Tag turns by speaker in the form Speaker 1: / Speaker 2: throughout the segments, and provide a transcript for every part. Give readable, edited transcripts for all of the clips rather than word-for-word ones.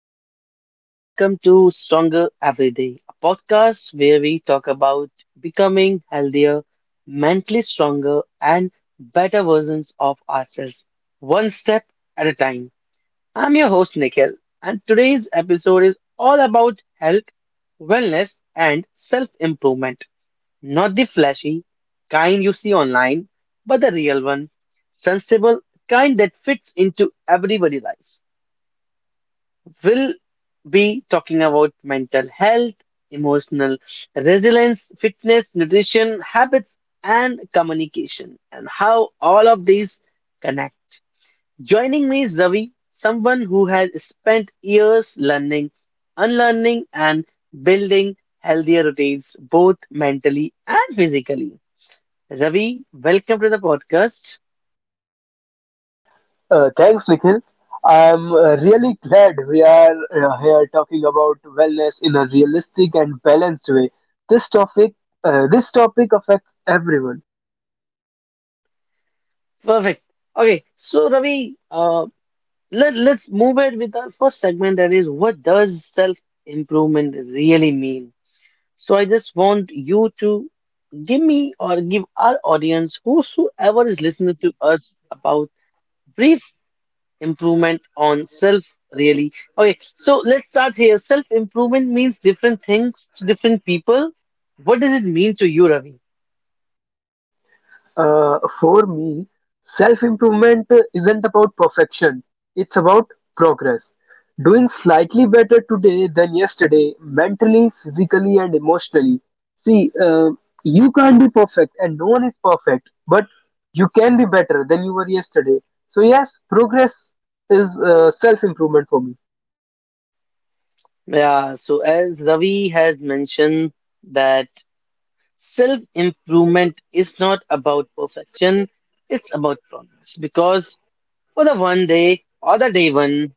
Speaker 1: everyone, and welcome to Stronger Every Day, a podcast where we talk about becoming healthier, mentally stronger, and better versions of ourselves, one step at a time. I'm your host, Nikhil, and today's episode is all about health, wellness, and self improvement. Not the flashy kind you see online, but the real one, sensible kind that fits into everybody's life will be talking about mental health, emotional resilience, fitness, nutrition, habits, and communication, and how all of these connect. Joining me is Ravi, someone who has spent years learning, unlearning, and building healthier routines, both mentally and physically. Ravi, welcome to the podcast.
Speaker 2: Thanks, Nikhil. I'm really glad we are here talking about wellness in a realistic and balanced way. This topic, this topic affects everyone.
Speaker 1: Perfect. Okay, so Ravi, let's move it with our first segment, that is, what does self improvement really mean? So I just want you to give me or give our audience, whosoever is listening to us, about brief improvement on self really. Okay, so let's start here. Self improvement means different things to different people. What does it mean to you, Ravi?
Speaker 2: For me, self improvement isn't about perfection, it's about progress. Doing slightly better today than yesterday, mentally, physically, and emotionally. See, you can't be perfect, and no one is perfect, but you can be better than you were yesterday. So, yes, progress is self improvement for me.
Speaker 1: Yeah, so as Ravi has mentioned that, self improvement is not about perfection, it's about progress. Because for the one day or the day one,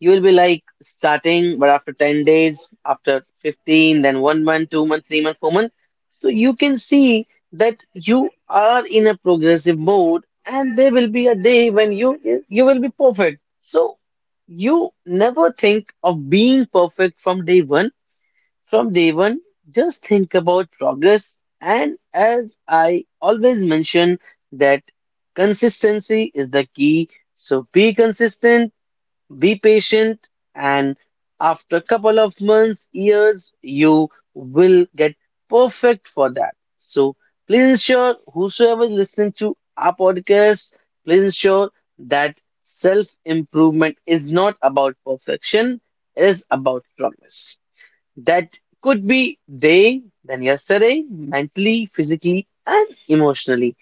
Speaker 1: you will be like starting, but after 10 days, after 15, then 1 month, 2 month, 3 month, 4 month. So you can see that you are in a progressive mode, and there will be a day when you will be perfect. So you never think of being perfect from day one from day one, just think about progress. And as I always mention that, consistency is the key. So be consistent, be patient, and after a couple of months, years, you will get perfect for that. So please ensure whosoever is listening to our podcast, please ensure that self improvement is not about perfection, it is about progress that could be day than yesterday, mentally, physically, and emotionally.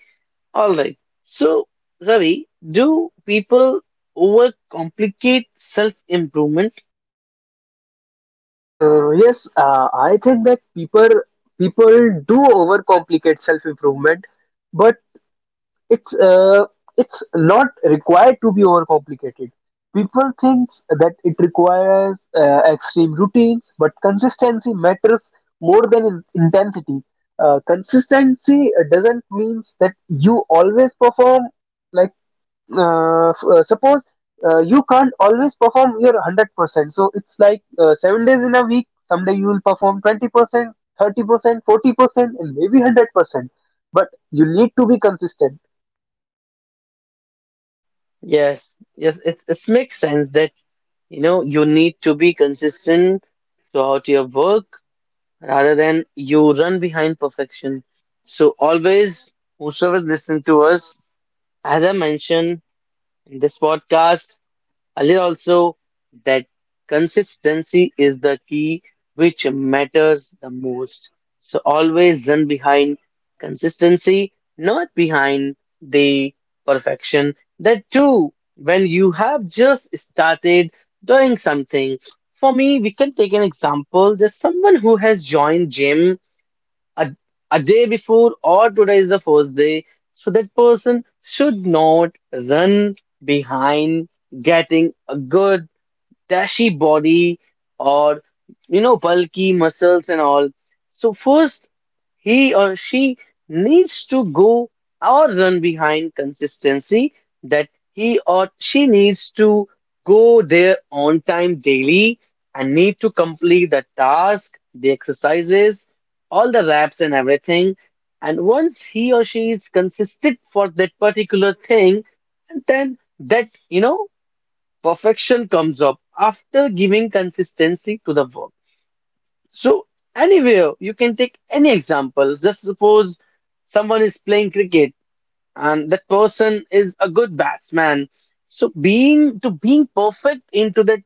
Speaker 1: All right. So, Ravi, do people overcomplicate self-improvement?
Speaker 2: Yes, I think that people do overcomplicate self improvement, but it's uh, it's not required to be overcomplicated. People think that it requires extreme routines, but consistency matters more than intensity. Consistency doesn't means that you always perform like suppose you can't always perform your 100%. So it's like 7 days in a week. Someday you will perform 20%, 30%, 40%, and maybe 100%. But you need to be consistent.
Speaker 1: Yes, yes, it makes sense that you know you need to be consistent throughout your work rather than you run behind perfection. So always, whosoever listen to us, as I mentioned in this podcast earlier also that, consistency is the key which matters the most. So always run behind consistency, not behind the perfection. That too, when you have just started doing something. For me, we can take an example. There's someone who has joined gym a, a day before or today is the first day. So that person should not run behind getting a good dashy body or you know bulky muscles and all. So first, he or she needs to go or run behind consistency that he or she needs to go there on time daily and need to complete the task, the exercises, all the reps and everything. And once he or she is consistent for that particular thing, and then that you know perfection comes up after giving consistency to the work. So anywhere you can take any example. Just suppose someone is playing cricket and that person is a good batsman. So being to being perfect into that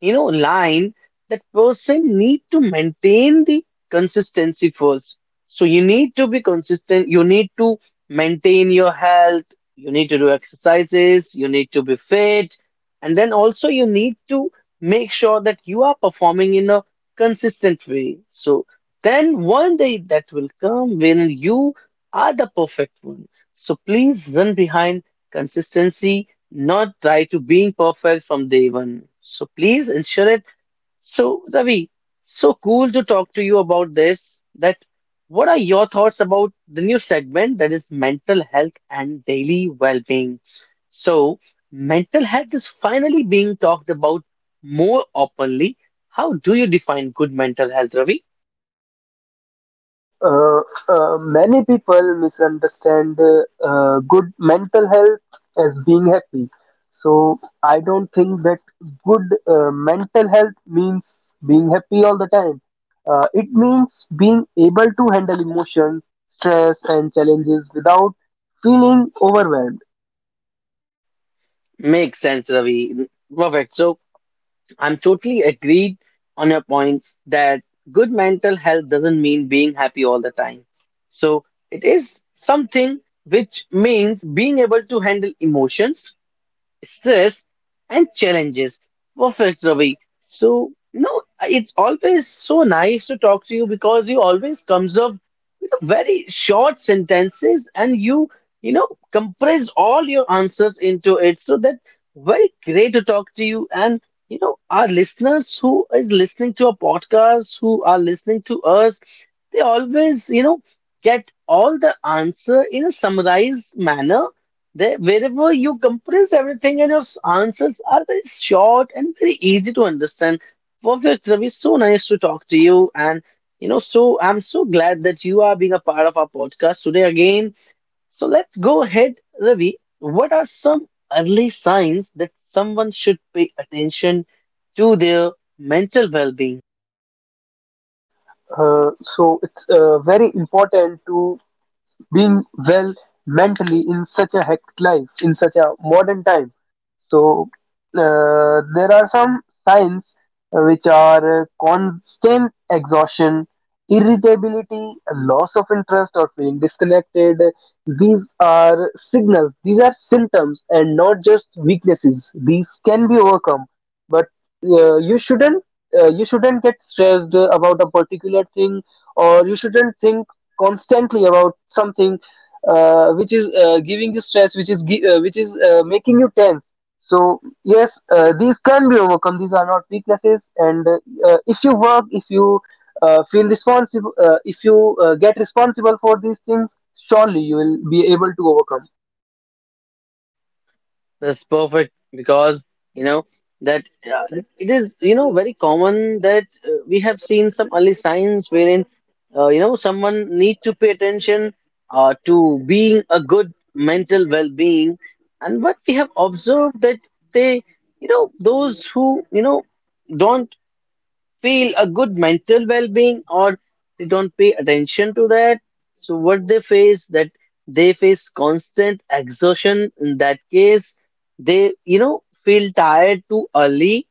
Speaker 1: you know line, that person need to maintain the consistency first. So you need to be consistent. You need to maintain your health. You need to do exercises. You need to be fit, and then also you need to make sure that you are performing in a consistent way. So then one day that will come when you are the perfect one. So please run behind consistency, not try to being perfect from day one. So please ensure it. So Ravi, so cool to talk to you about this. That, what are your thoughts about the new segment, that is mental health and daily well-being? So mental health is finally being talked about more openly. How do you define good mental health, Ravi?
Speaker 2: uh, Many people misunderstand good mental health as being happy. So I don't think that good mental health means being happy all the time. It means being able to handle emotions, stress, and challenges without feeling overwhelmed.
Speaker 1: Makes sense, Ravi. Perfect. So I'm totally agreed on your point that good mental health doesn't mean being happy all the time. So it is something which means being able to handle emotions, stress, and challenges. Perfect, Ravi. So, no, it's always so nice to talk to you because you always comes up with a very short sentences, and you know, compress all your answers into it. So that, very great to talk to you, and you know our listeners who is listening to our podcast, who are listening to us, they always, you know, get all the answer in a summarized manner. There, wherever you compress everything, and your answers are very short and very easy to understand. Perfect, Ravi. So nice to talk to you. And, you know, so I'm so glad that you are being a part of our podcast today again. So let's go ahead, Ravi. What are some early signs that someone should pay attention to their mental well being?
Speaker 2: Uh, so it's very important to being well mentally in such a hectic life, in such a modern time. So there are some signs which are constant exhaustion, irritability, loss of interest, or feeling disconnected. These are signals. These are symptoms, and not just weaknesses. These can be overcome, but you shouldn't. You shouldn't get stressed about a particular thing or you shouldn't think constantly about something which is giving you stress, which is making you tense. So yes, these can be overcome. These are not weaknesses, and if you work, if you feel responsible, if you get responsible for these things, surely you will be able to overcome.
Speaker 1: That's perfect because you know that it is you know very common that we have seen some early signs wherein you know someone need to pay attention to being a good mental well-being. And what we have observed that they you know, those who you know don't feel a good mental well-being, or they don't pay attention to that. So what they face, that they face constant exhaustion. In that case, they you know feel tired too early.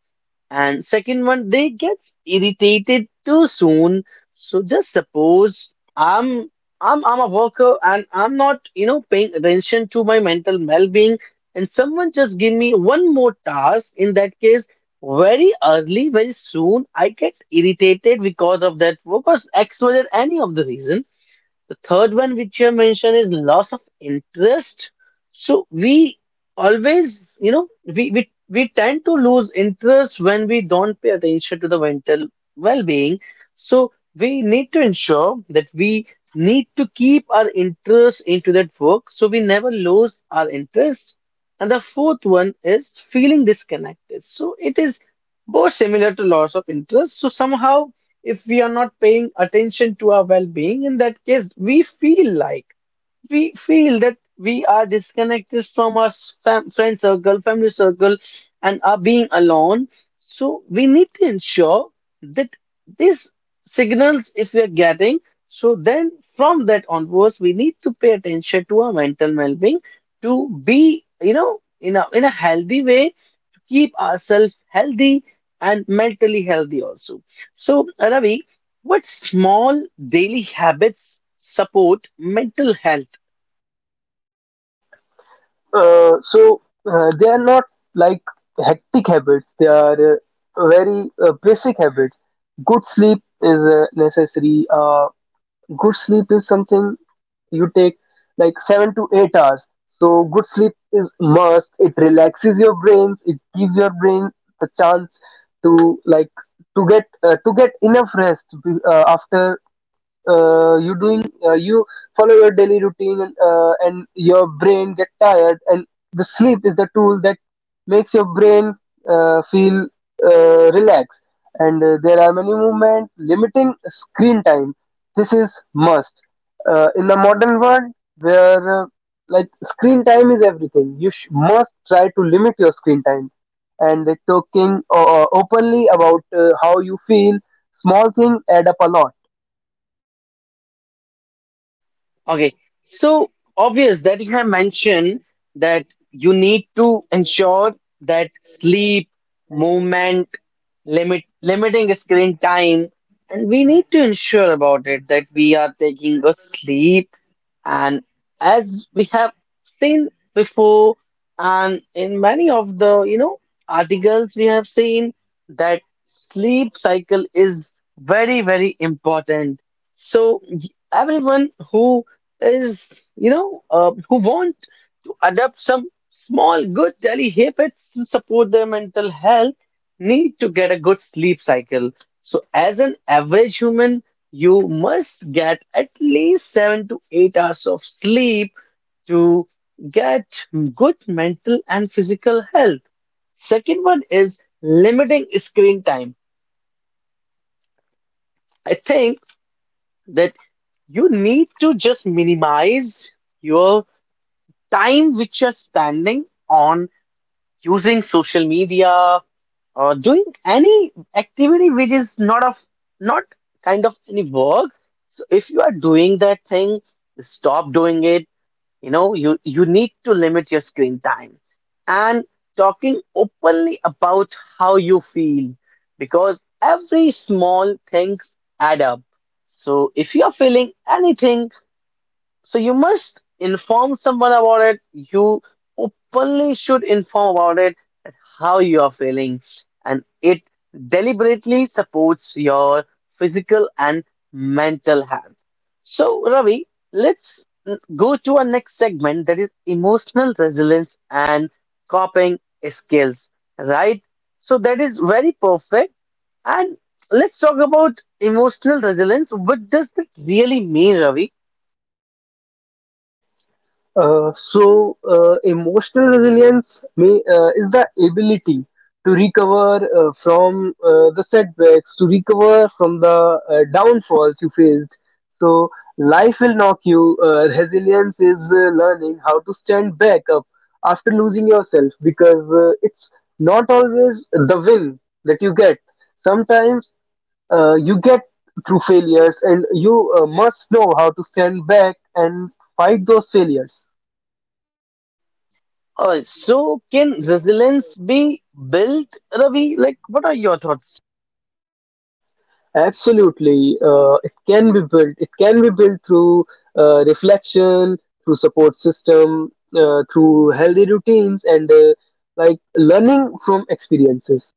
Speaker 1: And second one, they get irritated too soon. So just suppose I'm I'm a worker and I'm not, you know, paying attention to my mental well-being, and someone just give me one more task. In that case, very early, very soon, I get irritated because of that, because X, Y, or any of the reason. The third one which you have mentioned is loss of interest. So we always, you know, we tend to lose interest when we don't pay attention to the mental well-being. So we need to ensure that we need to keep our interest into that work so we never lose our interest. And the fourth one is feeling disconnected. So it is both similar to loss of interest. So somehow if we are not paying attention to our well-being, in that case, we feel like we feel that we are disconnected from our friend circle, family circle, and are being alone. So we need to ensure that these signals, if we are getting, so then from that onwards, we need to pay attention to our mental well-being to be, you know, in a healthy way, keep ourselves healthy and mentally healthy also. So, Ravi, what small daily habits support mental health?
Speaker 2: So they are not like hectic habits. They are very basic habits. Good sleep is necessary. Good sleep is something you take like 7 to 8 hours. So good sleep is must. It relaxes your brains. It gives your brain the chance to like to get enough rest, after you follow your daily routine, and your brain get tired, and the sleep is the tool that makes your brain feel relaxed. And there are many movement limiting screen time. This is must in the modern world, where like screen time is everything. You must try to limit your screen time, and talking openly about how you feel. Small things add up a lot.
Speaker 1: Okay, so obvious that you have mentioned that you need to ensure that sleep, movement, limiting screen time, and we need to ensure about it that we are taking a sleep. And as we have seen before, and in many of the you know articles, we have seen that sleep cycle is very very important. So everyone who is, you know, who want to adopt some small good daily habits to support their mental health need to get a good sleep cycle. So, as an average human, you must get at least 7 to 8 hours of sleep to get good mental and physical health. Second one is limiting screen time. I think that you need to just minimize your time which you're spending on using social media or doing any activity which is not of, not kind of any work. So if you are doing that thing, stop doing it. You know, you need to limit your screen time, and talking openly about how you feel, because every small things add up. So if you are feeling anything, so you must inform someone about it. You openly should inform about it, that how you are feeling, and it deliberately supports your physical and mental health. So, Ravi, let's go to our next segment, that is emotional resilience and coping skills, right? So, that is very perfect. And let's talk about emotional resilience. What does that really mean, Ravi?
Speaker 2: So, emotional resilience is the ability to recover from the setbacks, to recover from the downfalls you faced. So, life will knock you. Resilience is learning how to stand back up after losing yourself, because it's not always the win that you get. Sometimes you get through failures, and you must know how to stand back and fight those failures.
Speaker 1: So can resilience be built, Ravi? Like, what are your thoughts?
Speaker 2: Absolutely, it can be built. It can be built through reflection, through support system, through healthy routines, and like learning from experiences.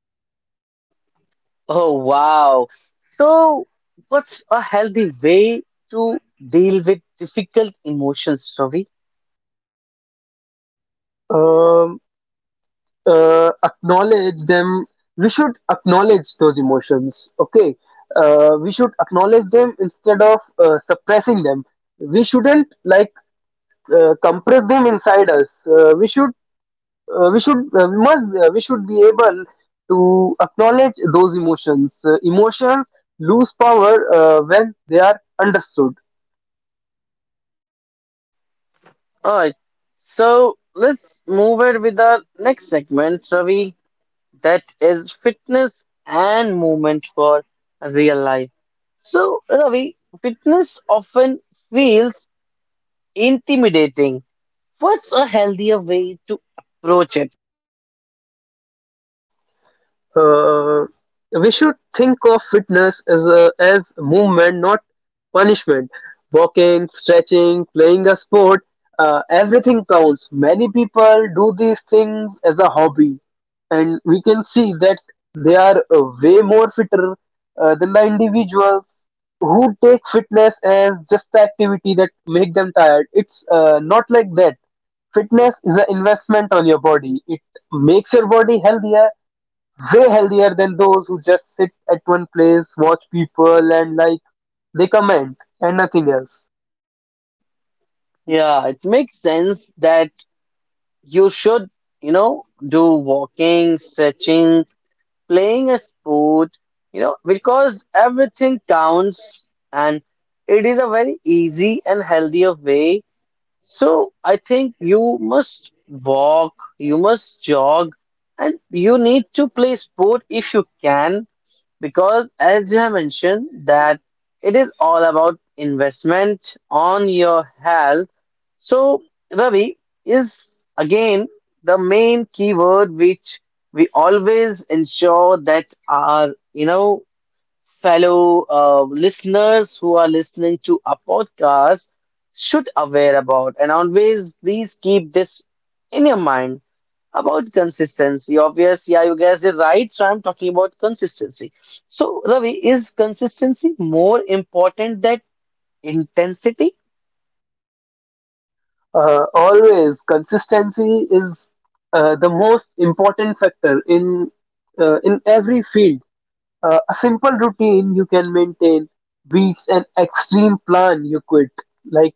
Speaker 1: Oh, wow. So, what's a healthy way to deal with difficult emotions, Ravi?
Speaker 2: Um, Acknowledge them. We should acknowledge those emotions. Okay, we should acknowledge them instead of suppressing them. We shouldn't like compress them inside us. We should be able to acknowledge those emotions. Emotions lose power when they are understood.
Speaker 1: All right. So, let's move it with our next segment, Ravi. That is fitness and movement for real life. So, Ravi, fitness often feels intimidating. What's a healthier way to approach it?
Speaker 2: Uh, we should think of fitness as movement, not punishment. Walking, stretching, playing a sport, everything counts. Many people do these things as a hobby, and we can see that they are way more fitter than the individuals who take fitness as just the activity that make them tired. It's not like that. Fitness is an investment on your body. It makes your body healthier, way healthier than those who just sit at one place, watch people, and like they comment and nothing else.
Speaker 1: Yeah, it makes sense that you should, you know, do walking, stretching, playing a sport, you know, because everything counts and it is a very easy and healthier way. So I think you must walk, you must jog, and you need to play sport if you can because as you have mentioned that it is all about investment on your health. So, Ravi, is again the main keyword which we always ensure that our you know fellow listeners who are listening to our podcast should aware about, and always please keep this in your mind about consistency, obvious. Yeah, you guys did right. So I'm talking about consistency. So, Ravi, is consistency more important than intensity?
Speaker 2: Always, consistency is the most important factor in every field. A simple routine you can maintain beats an extreme plan you quit. Like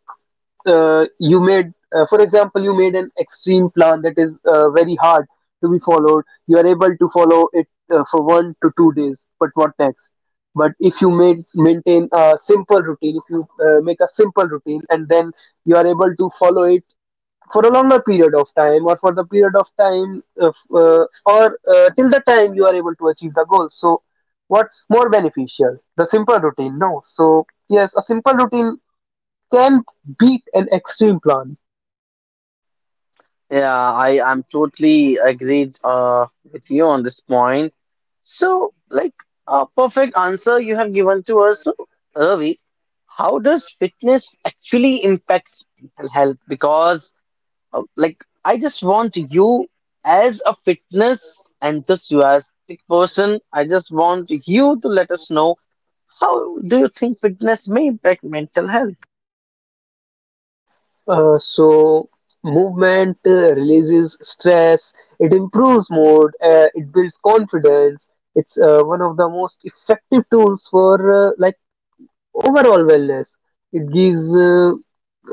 Speaker 2: you made for example, you made an extreme plan that is very hard to be followed. You are able to follow it for 1 to 2 days, but what next? But if you made maintain a simple routine, if you make a simple routine, and then you are able to follow it for a longer period of time, or for the period of time or till the time you are able to achieve the goal. So what's more beneficial? The simple routine. No, so yes, a simple routine can beat an extreme plan.
Speaker 1: Yeah, I'm totally agreed with you on this point. So, like a perfect answer you have given to us, so, Ravi. How does fitness actually impact mental health? Because Uh, like I just want you as a fitness enthusiastic person, I just want you to let us know how do you think fitness may impact mental health?
Speaker 2: So movement releases stress, it improves mood, it builds confidence. It's one of the most effective tools for like overall wellness. It gives uh,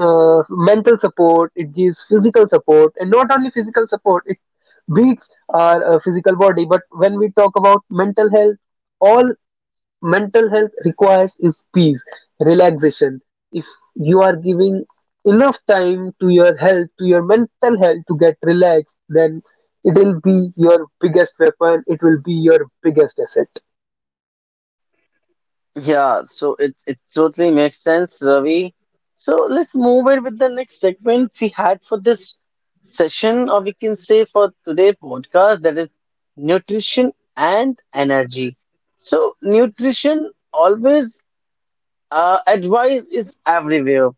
Speaker 2: uh, mental support, it gives physical support, and not only physical support, it beats our physical body. But when we talk about mental health, all mental health requires is peace, relaxation. If you are giving enough time to your health, to your mental health to get relaxed, then it will be your biggest weapon. It will be your biggest asset.
Speaker 1: Yeah, so it totally makes sense, Ravi. So let's move in with the next segment we had for this session, or we can say for today podcast, that is nutrition and energy. So nutrition always. Advice is everywhere.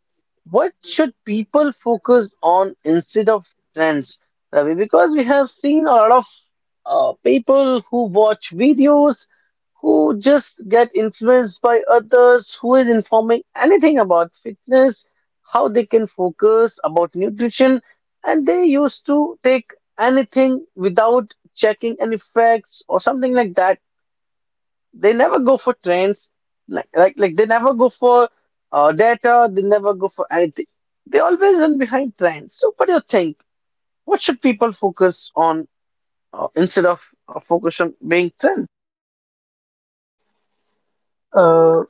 Speaker 1: What should people focus on instead of trends, Ravi? Because we have seen a lot of people who watch videos, who just get influenced by others, who is informing anything about fitness, how they can focus about nutrition, and they used to take anything without checking any facts or something like that. They never go for trends, like they never go for data. They never go for anything. They always run behind trends. So what do you think? What should people focus on instead of focus on being trend?
Speaker 2: Uh,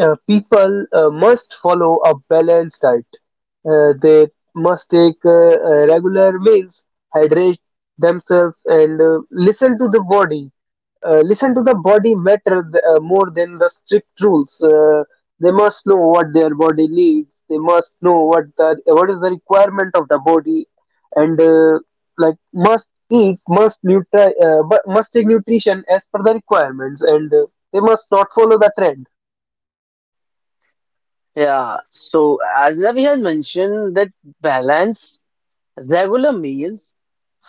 Speaker 2: People must follow a balanced diet. They must take regular meals, hydrate themselves, and listen to the body. Listen to the body matter more than the strict rules. They must know what their body needs. They must know what is the requirement of the body, and like must eat, must take nutrition as per the requirements, and they must not follow the trend.
Speaker 1: Yeah. So as Ravi had mentioned, that balance, regular meals,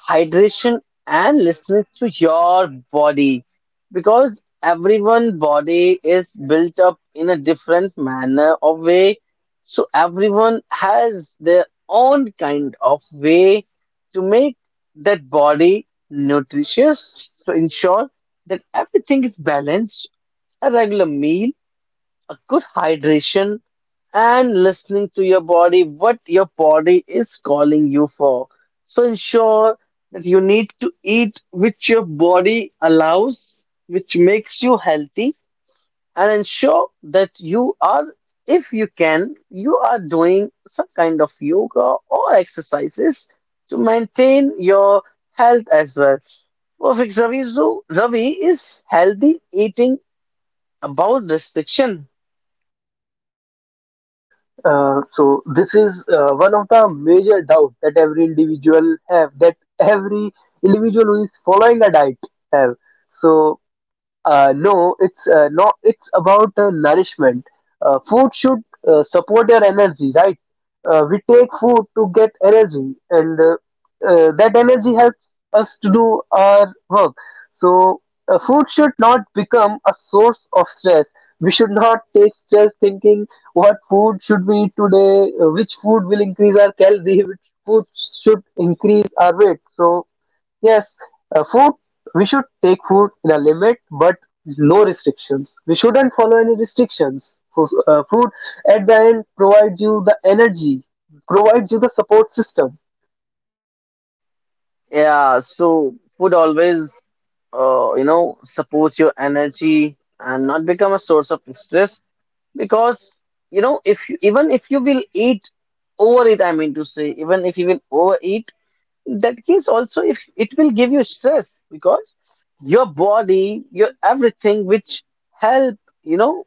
Speaker 1: hydration, and listening to your body, because everyone body is built up in a different manner of way, so everyone has their own kind of way to make that body nutritious. So ensure that everything is balanced, a regular meal, a good hydration, and listening to your body, what your body is calling you for. So ensure that you need to eat which your body allows, which makes you healthy, and ensure that you are, if you can, you are doing some kind of yoga or exercises to maintain your health as well. Perfect, Ravi. So, Ravi, is healthy eating about restriction?
Speaker 2: So this is one of the major doubt that every individual who is following a diet have. So no, it's no, it's about nourishment. Food should support your energy, right? We take food to get energy, and that energy helps us to do our work. So, food should not become a source of stress. We should not take stress thinking what food should we eat today, which food will increase our calorie, which food should increase our weight. So, yes, food. We should take food in a limit, but no restrictions. We shouldn't follow any restrictions. Food at the end provides you the energy, provides you the support system.
Speaker 1: Yeah, so food always, you know, supports your energy and not become a source of stress, because, you know, if you, even if you will eat, overeat, I mean to say, even if you will overeat. That case also if it will give you stress, because your body, your everything which help, you know,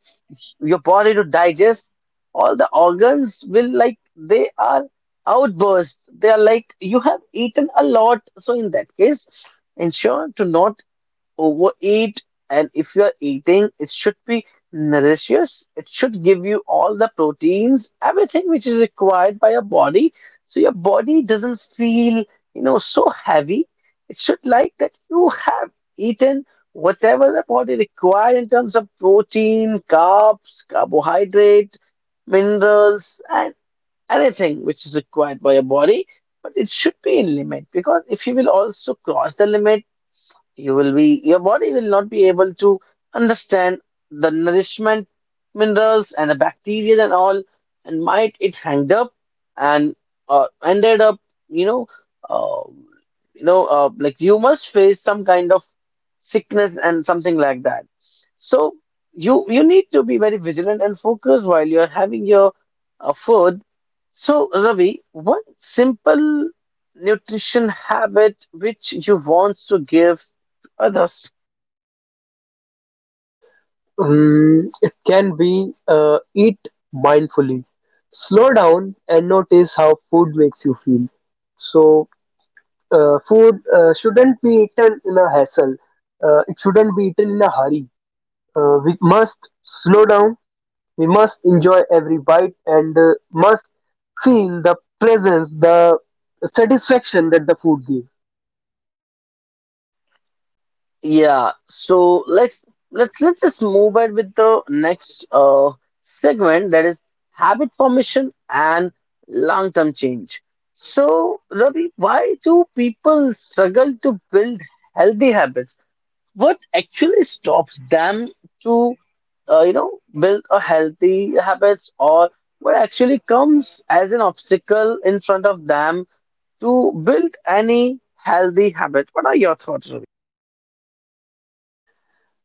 Speaker 1: your body to digest, all the organs will, like, they are outbursts, they are like you have eaten a lot. So in that case, ensure to not overeat, and if you are eating, it should be nourishes, it should give you all the proteins, everything which is required by your body, so your body doesn't feel, you know, so heavy. It should, like, that you have eaten whatever the body required in terms of protein, carbs, carbohydrate, minerals, and anything which is required by your body, but it should be in limit, because if you will also cross the limit, you will be, your body will not be able to understand the nourishment, minerals, and the bacteria and all, and might it hanged up, and ended up, you know, uh, like you must face some kind of sickness and something like that. So you need to be very vigilant and focused while you are having your food. So, Ravi, one simple nutrition habit which you want to give others.
Speaker 2: It can be eat mindfully. Slow down and notice how food makes you feel. So, food shouldn't be eaten in a hassle. It shouldn't be eaten in a hurry. We must slow down. We must enjoy every bite and must feel the presence, the satisfaction that the food gives.
Speaker 1: Yeah, so let's just move ahead with the next segment, that is habit formation and long-term change. So, Ravi, why do people struggle to build healthy habits? What actually stops them to, you know, build a healthy habits, or what actually comes as an obstacle in front of them to build any healthy habit? What are your thoughts, Ravi?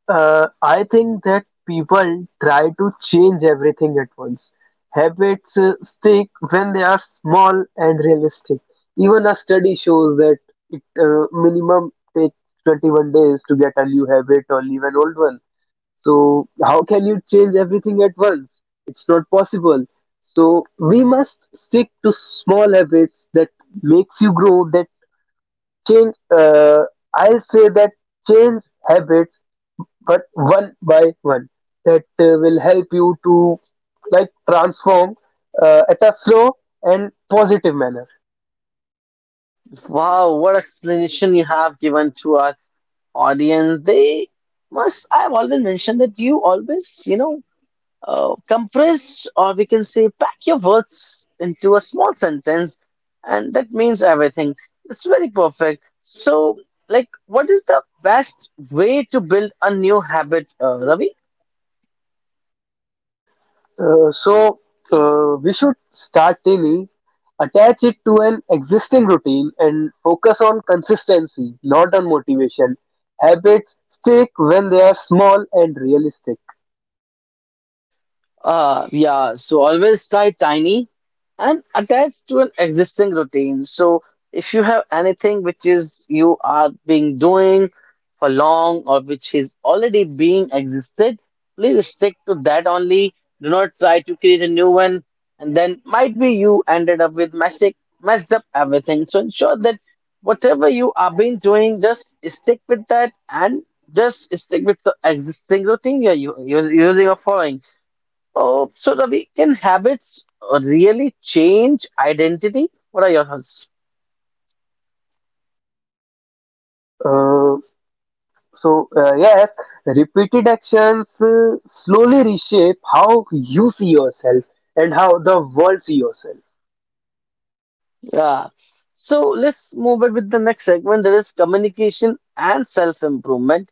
Speaker 2: I think that people try to change everything at once. Habits stick when they are small and realistic. Even a study shows that it minimum takes 21 days to get a new habit or leave an old one. So, how can you change everything at once? It's not possible. So, we must stick to small habits that makes you grow, that change. I say that change habits, but one by one. That will help you to like transform at a slow and positive manner.
Speaker 1: Wow, what explanation you have given to our audience. They must, I've already mentioned that you always, you know, compress, or we can say pack your words into a small sentence, and that means everything. It's very perfect. So, like, what is the best way to build a new habit, Ravi?
Speaker 2: So we should start daily, attach it to an existing routine, and focus on consistency, not on motivation. Habits stick when they are small and realistic.
Speaker 1: Yeah, so always try tiny and attach to an existing routine. So if you have anything which is you are being doing for long, or which is already being existed, please stick to that only. Do not try to create a new one, and then might be you ended up with messy, messed up everything. So ensure that whatever you are been doing, just stick with that, and just stick with the existing routine you're, you're using or following. Oh, so, Ravi, can habits really change identity? What are your thoughts?
Speaker 2: Uh, so yes, repeated actions slowly reshape how you see yourself and how the world see yourself.
Speaker 1: Yeah. So let's move it with the next segment. That is communication and self-improvement.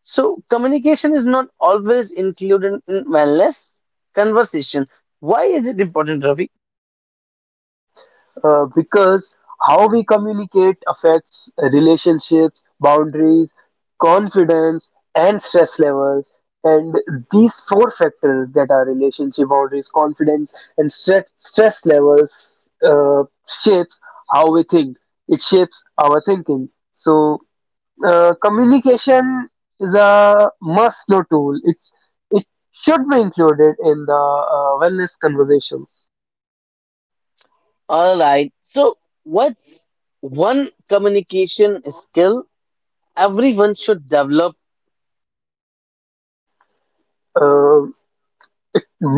Speaker 1: So communication is not always included in wellness conversation. Why is it important, Ravi?
Speaker 2: Because how we communicate affects relationships, boundaries, confidence, and stress levels. And these four factors, that are relationship boundaries, confidence, and stress levels, shapes how we think. It shapes our thinking. So communication is a must-know tool. It should be included in the wellness conversations.
Speaker 1: All right. So what's one communication skill everyone should develop?
Speaker 2: Uh,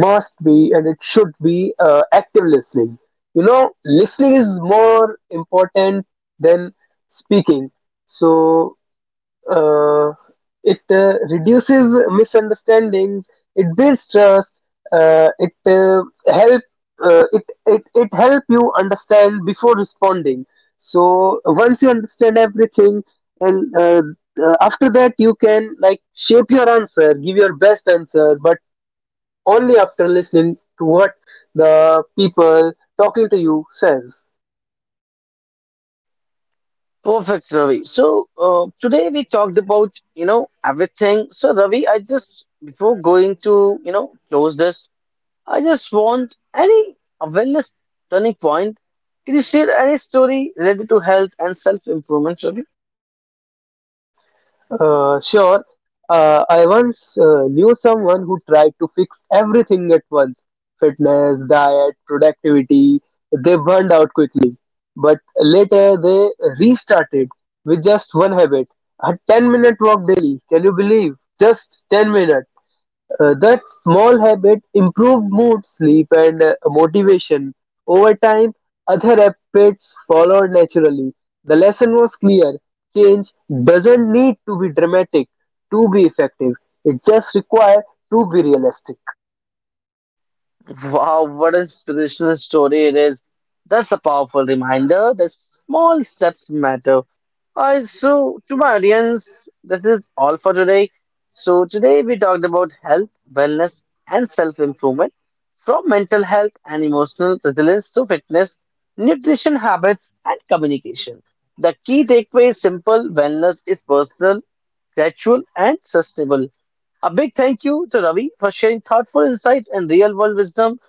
Speaker 2: must be and it should be active listening. Listening is more important than speaking. So uh, it reduces misunderstandings. It builds trust. Uh, it uh, help it help you understand before responding. So once you understand everything, and after that you can like shape your answer, give your best answer, but only after listening to what the people talking to you says.
Speaker 1: Perfect, Ravi. So today we talked about, you know, everything. So, Ravi, I just before going to, you know, close this, I just want any awareness turning point. Can you share any story related to health and self-improvement, Ravi?
Speaker 2: Sure, I once knew someone who tried to fix everything at once: fitness, diet, productivity. They burned out quickly. But later they restarted with just one habit, a 10-minute walk daily. Can you believe? Just 10 minutes. That small habit improved mood, sleep, and motivation. Over time, other habits followed naturally. The lesson was clear: change doesn't need to be dramatic to be effective, it just requires to be realistic.
Speaker 1: Wow, what a inspirational story it is. That's a powerful reminder that small steps matter. Alright, so to my audience, this is all for today. So today we talked about health, wellness, and self-improvement, from mental health and emotional resilience to fitness, nutrition habits, and communication. The key takeaway is simple: wellness is personal, gradual, and sustainable. A big thank you to Ravi for sharing thoughtful insights and real-world wisdom,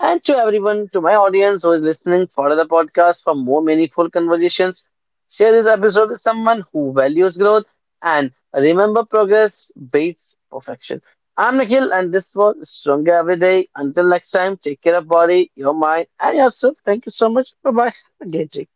Speaker 1: and to everyone, to my audience who is listening, follow the podcast for more meaningful conversations. Share this episode with someone who values growth, and remember progress beats perfection. I'm Nikhil, and this was Stronger Every Day. Until next time, take care of body, your mind, and yourself. Thank you so much. Bye bye. Have a great day.